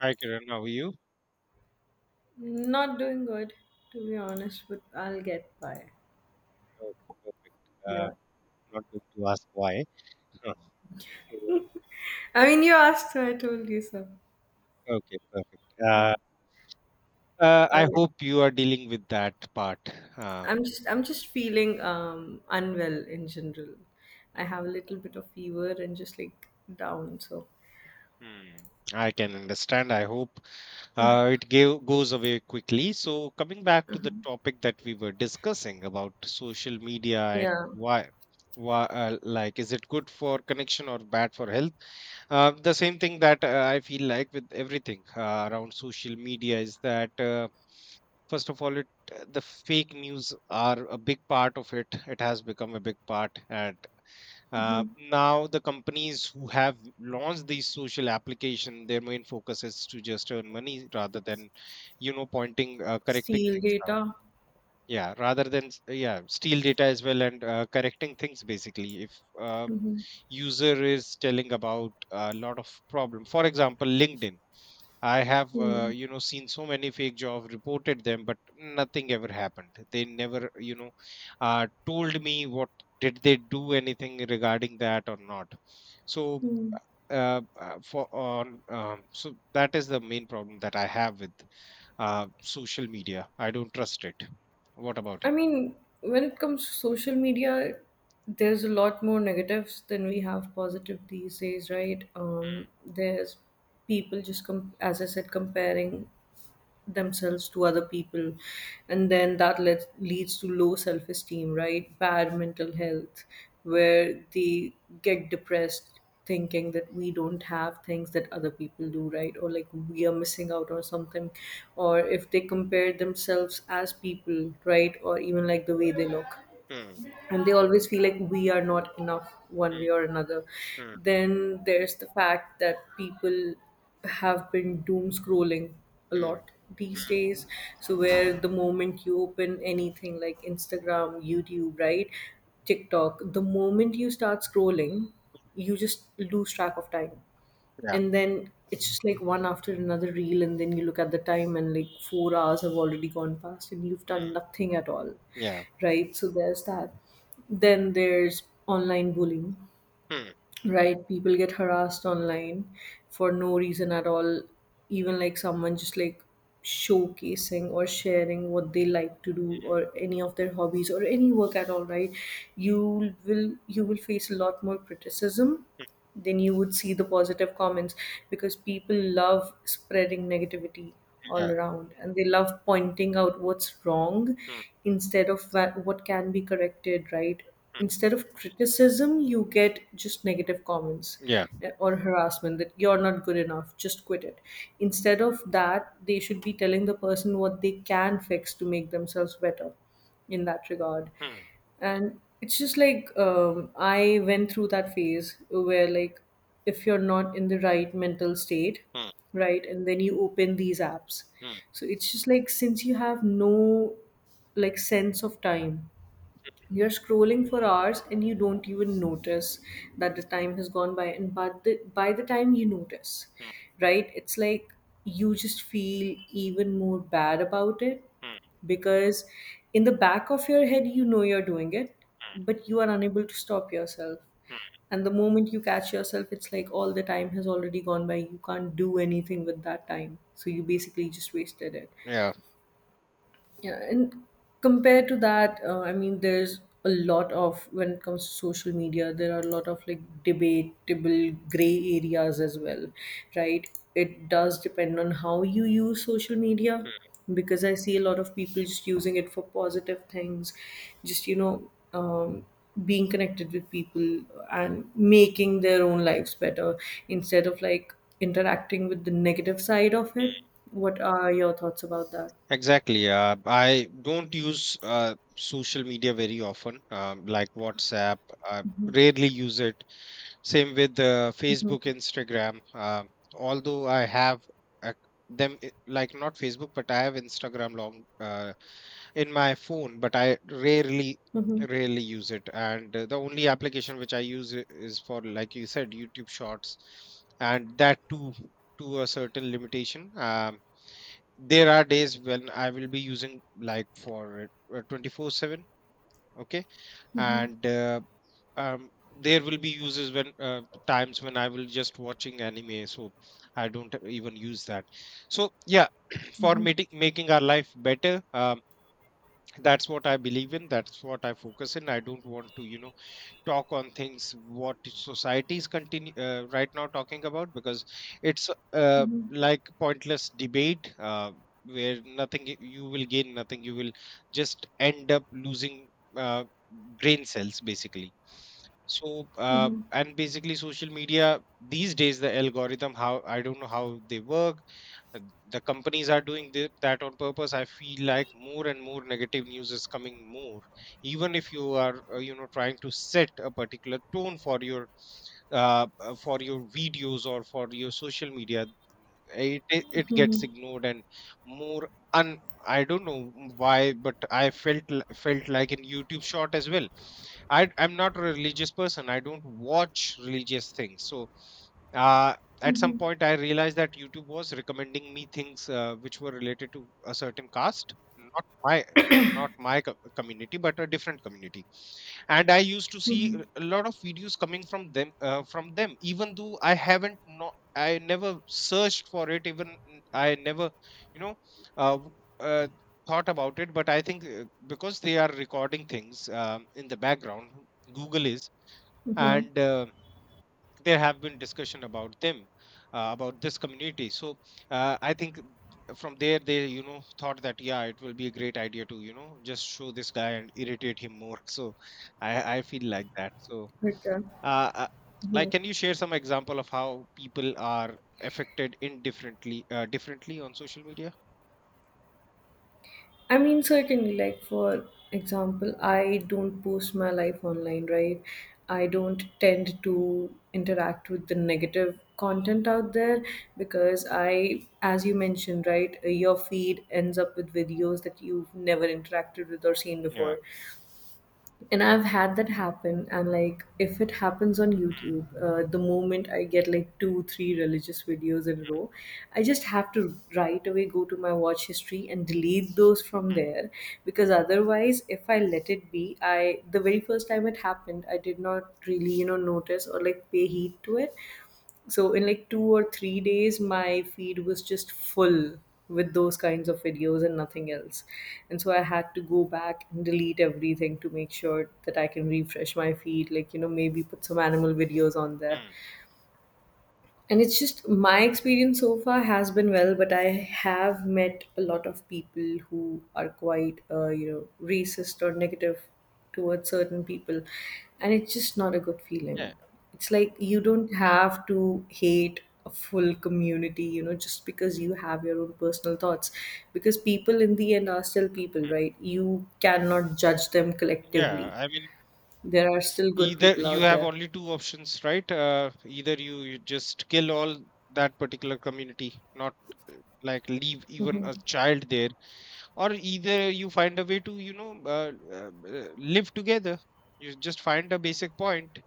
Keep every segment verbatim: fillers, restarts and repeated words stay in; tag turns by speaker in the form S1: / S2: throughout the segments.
S1: Hi, Kiran. How are you?
S2: Not doing good, to be honest, but I'll get by.
S1: Okay, perfect. Uh,
S2: Yeah.
S1: Not going to ask why. Huh. So,
S2: I mean, you asked, so I told you so.
S1: Okay, perfect.
S2: Yeah.
S1: Uh, uh, I
S2: Okay.
S1: hope you are dealing with that part. Um,
S2: I'm just, I'm just feeling um unwell in general. I have
S1: Hmm.
S2: a little bit of fever and just like down. So,
S1: Hmm. I can understand. I hope uh, it gave, goes away quickly. So, coming back to the
S2: mhm,
S1: topic that we were discussing about social media and
S2: yeah,
S1: why, why uh, like, is it good for connection or bad for health? Uh, the same thing that uh, I feel like with everything uh, around social media is that. Uh, first of all it the fake news are a big part of it it has become a big part. And uh, Now the companies who have launched these social application, their main focus is to just earn money rather than you know pointing uh, correcting
S2: steel
S1: things out,
S2: data.
S1: yeah, rather than s- yeah, steal data as well, and uh, correcting things basically. If uh,
S2: Mm-hmm.
S1: user is telling about a lot of problem, for example, LinkedIn. I have uh, you know seen so many fake job reported them, but nothing ever happened. They never you know uh, told me what did they do anything regarding that or not. So
S2: Hmm.
S1: uh, uh, for on um, so that is the main problem that I have with uh, social media. I don't trust it. What about
S2: I
S1: you?
S2: mean, when it comes to social media, there's a lot more negatives than we have positive these days, right? Um, there's people just, com- as I said, comparing themselves to other people, and then that let, leads to low self-esteem, right? Bad mental health where they get depressed, thinking that we don't have things that other people do, right, or like we are missing out on something, or if they compare themselves as people, right, or even like the way they look,
S1: Mm,
S2: and they always feel like we are not enough one way
S1: mm,
S2: or another.
S1: mm,
S2: Then there's the fact that people have been doom scrolling a
S1: mm,
S2: lot these
S1: mm,
S2: days, so where the moment you open anything like Instagram, YouTube, right, TikTok, the moment you start scrolling, you just lose track of time,
S1: yeah,
S2: and then it's just like one after another reel, and then you look at the time and like four hours have already gone past and you've done
S1: mm,
S2: nothing at all,
S1: yeah,
S2: right? So there's that. Then there's online bullying,
S1: mm,
S2: right? People get harassed online for no reason at all, even like someone just like showcasing or sharing what they like to do
S1: mm,
S2: or any of their hobbies or any work at all, right? You will you will face a lot more criticism then you would see the positive comments, because people love spreading negativity all
S1: yeah,
S2: around and they love pointing out what's wrong
S1: mm,
S2: instead of wha- what can be corrected, right? Instead of criticism you get just negative comments,
S1: yeah,
S2: eh, or harassment that you're not good enough, just quit it, instead of that they should be telling the person what they can fix to make themselves better in that regard.
S1: mm,
S2: And it's just like um, I went through that phase where like if you're not in the right mental state,
S1: mm,
S2: right, and then you open these apps,
S1: mm,
S2: so it's just like since you have no like sense of time, you're scrolling for hours and you don't even notice that the time has gone by. And but the, by the time you notice,
S1: mm,
S2: right, it's like you just feel even more bad about it,
S1: mm,
S2: because in the back of your head, you know you're doing it, but you are unable to stop yourself.
S1: mm,
S2: And the moment you catch yourself, it's like all the time has already gone by. You can't do anything with that time. So you basically just wasted it.
S1: yeah.
S2: Yeah, and compared to that, uh, I mean, there's a lot of when it comes to social media, there are a lot of like debatable gray areas as well, right? It does depend on how you use social media,
S1: Mm,
S2: because I see a lot of people just using it for positive things, just you know, um, being connected with people and making their own lives better instead of like interacting with the negative side of it.
S1: mm.
S2: What are your thoughts about that?
S1: Exactly. Uh, I don't use uh, social media very often, um, like WhatsApp. I rarely use it. Same with uh, Facebook, Instagram. Uh, although I have uh, them i- like not Facebook, but I have Instagram long uh, in my phone, but I rarely
S2: Mm-hmm.
S1: rarely use it. And uh, the only application which I use i- is for, like you said, YouTube Shorts, and that too to a certain limitation. Um, there are days when I will be using like for uh, twenty-four seven. Okay. and uh, um, there will be uses when uh, times when I will just watching anime, so I don't even use that. So yeah, for making making our life better, um, that's what I believe in. That's what I focus in. I don't want to you know talk on things what society is continue uh, right now talking about, because it's uh, like pointless debate uh, where nothing y- you will gain nothing, you will just end up losing uh, brain cells basically. So uh, and basically social media these days, the algorithm, how I don't know how they work. uh, the companies are doing thi- that on purpose. I feel like more and more negative news is coming more, even if you are uh, you know trying to set a particular tone for your uh, uh, for your videos or for your social media, it it it gets ignored and more un, I don't know why, but I felt l- felt like in YouTube short as well. I I'm not a religious person, I don't watch religious things. so uh, at some point I realized that YouTube was recommending me things uh, which were related to a certain caste, not my n- not my co- community, but a different community. And I used to see
S2: Mm-hmm.
S1: a a lot of videos coming from them uh, from them, even though I haven't not I never searched for it. even n- I never you know uh, w- uh, thought about it. But I think uh, because they are recording things um, in the background, Google is.
S2: Mm-hmm.
S1: And uh, There have been discussion about them uh, about this community. so uh, I think from there they you know thought that yeah, it will be a great idea to you know just show this guy and irritate him more so i i feel like that. So
S2: Okay.
S1: uh, uh,
S2: Mm-hmm.
S1: like, can you share some example of how people are affected indifferently uh, differently on social media?
S2: I mean, certainly, like for example, I don't post my life online, right? I don't tend to interact with the negative content out there, because I, as you mentioned, right, your feed ends up with videos that you've never interacted with or seen
S1: Yeah.
S2: before. And I've had that happen, and like if it happens on YouTube, uh, the moment I get like two three religious videos in a row, I just have to right away go to my watch history and delete those from there, because otherwise if I let it be, I, the very first time it happened, I did not really, you know, notice or like pay heed to it, so in like two or three days my feed was just full with those kinds of videos and nothing else. And so I had to go back and delete everything to make sure that I can refresh my feed, like you know, maybe put some animal videos on there.
S1: Hmm.
S2: And it's just my experience so far has been well, but I have met a lot of people who are quite uh, you know, racist or negative towards certain people, and it's just not a good feeling.
S1: Yeah.
S2: It's like you don't have to hate a full community, you know, just because you have your own personal thoughts, because people in the end are still people,
S1: Hmm.
S2: right? You cannot judge them
S1: Yeah,
S2: collectively.
S1: I mean,
S2: There are still good
S1: either
S2: people
S1: you
S2: out
S1: have
S2: there.
S1: only two options, right? Uh, either you, you just kill all that particular community, not uh, like leave even a child there, or either you find a way to you know uh, uh, uh, live together. You just find a basic point.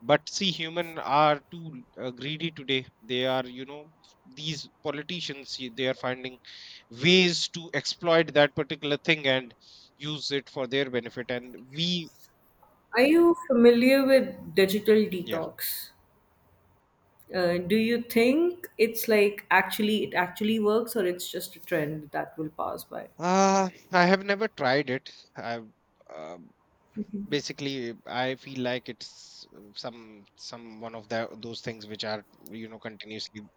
S1: But see, human are too uh, greedy today. They are you know these politicians, y- they are finding ways to exploit that particular thing and use it for their benefit, and we,
S2: Are you familiar with digital
S1: yeah.
S2: detox? Uh, do you think it's like actually it actually works, or it's just a trend that will pass by?
S1: Uh, I have never tried it. I've um, Basically I feel like it's uh, some some one of the those things which are you know continuously.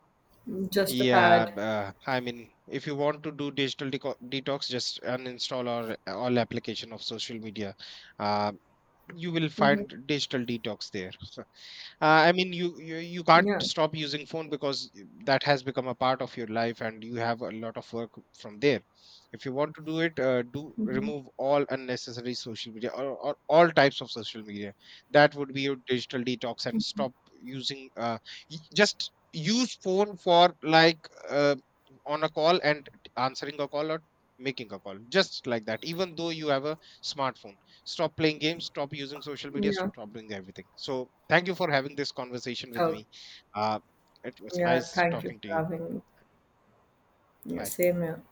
S2: Just a
S1: Yeah,
S2: fad.
S1: b- uh, I mean, if you want to do digital deco detox, just uninstall or all application of social media. Uh, you will
S2: Hmm.
S1: find digital detox there. uh, I mean you, you you can't
S2: Yeah.
S1: stop using phone, because that has become a part of your life and you have a lot of work from there. If you want to do it, uh, do remove all unnecessary social media, or, or all types of social media. That would be your digital detox, and stop using uh, y- just use phone for like uh, on a call and answering a call or making a call, just like that, even though you have a smartphone. Stop playing games, stop using social media,
S2: Yeah.
S1: stop doing everything. So, thank you for having this conversation with
S2: Okay.
S1: me. Uh, it was
S2: Yeah.
S1: nice
S2: Thank you
S1: talking to
S2: for
S1: you.
S2: having me. Yeah,
S1: Bye.
S2: same here.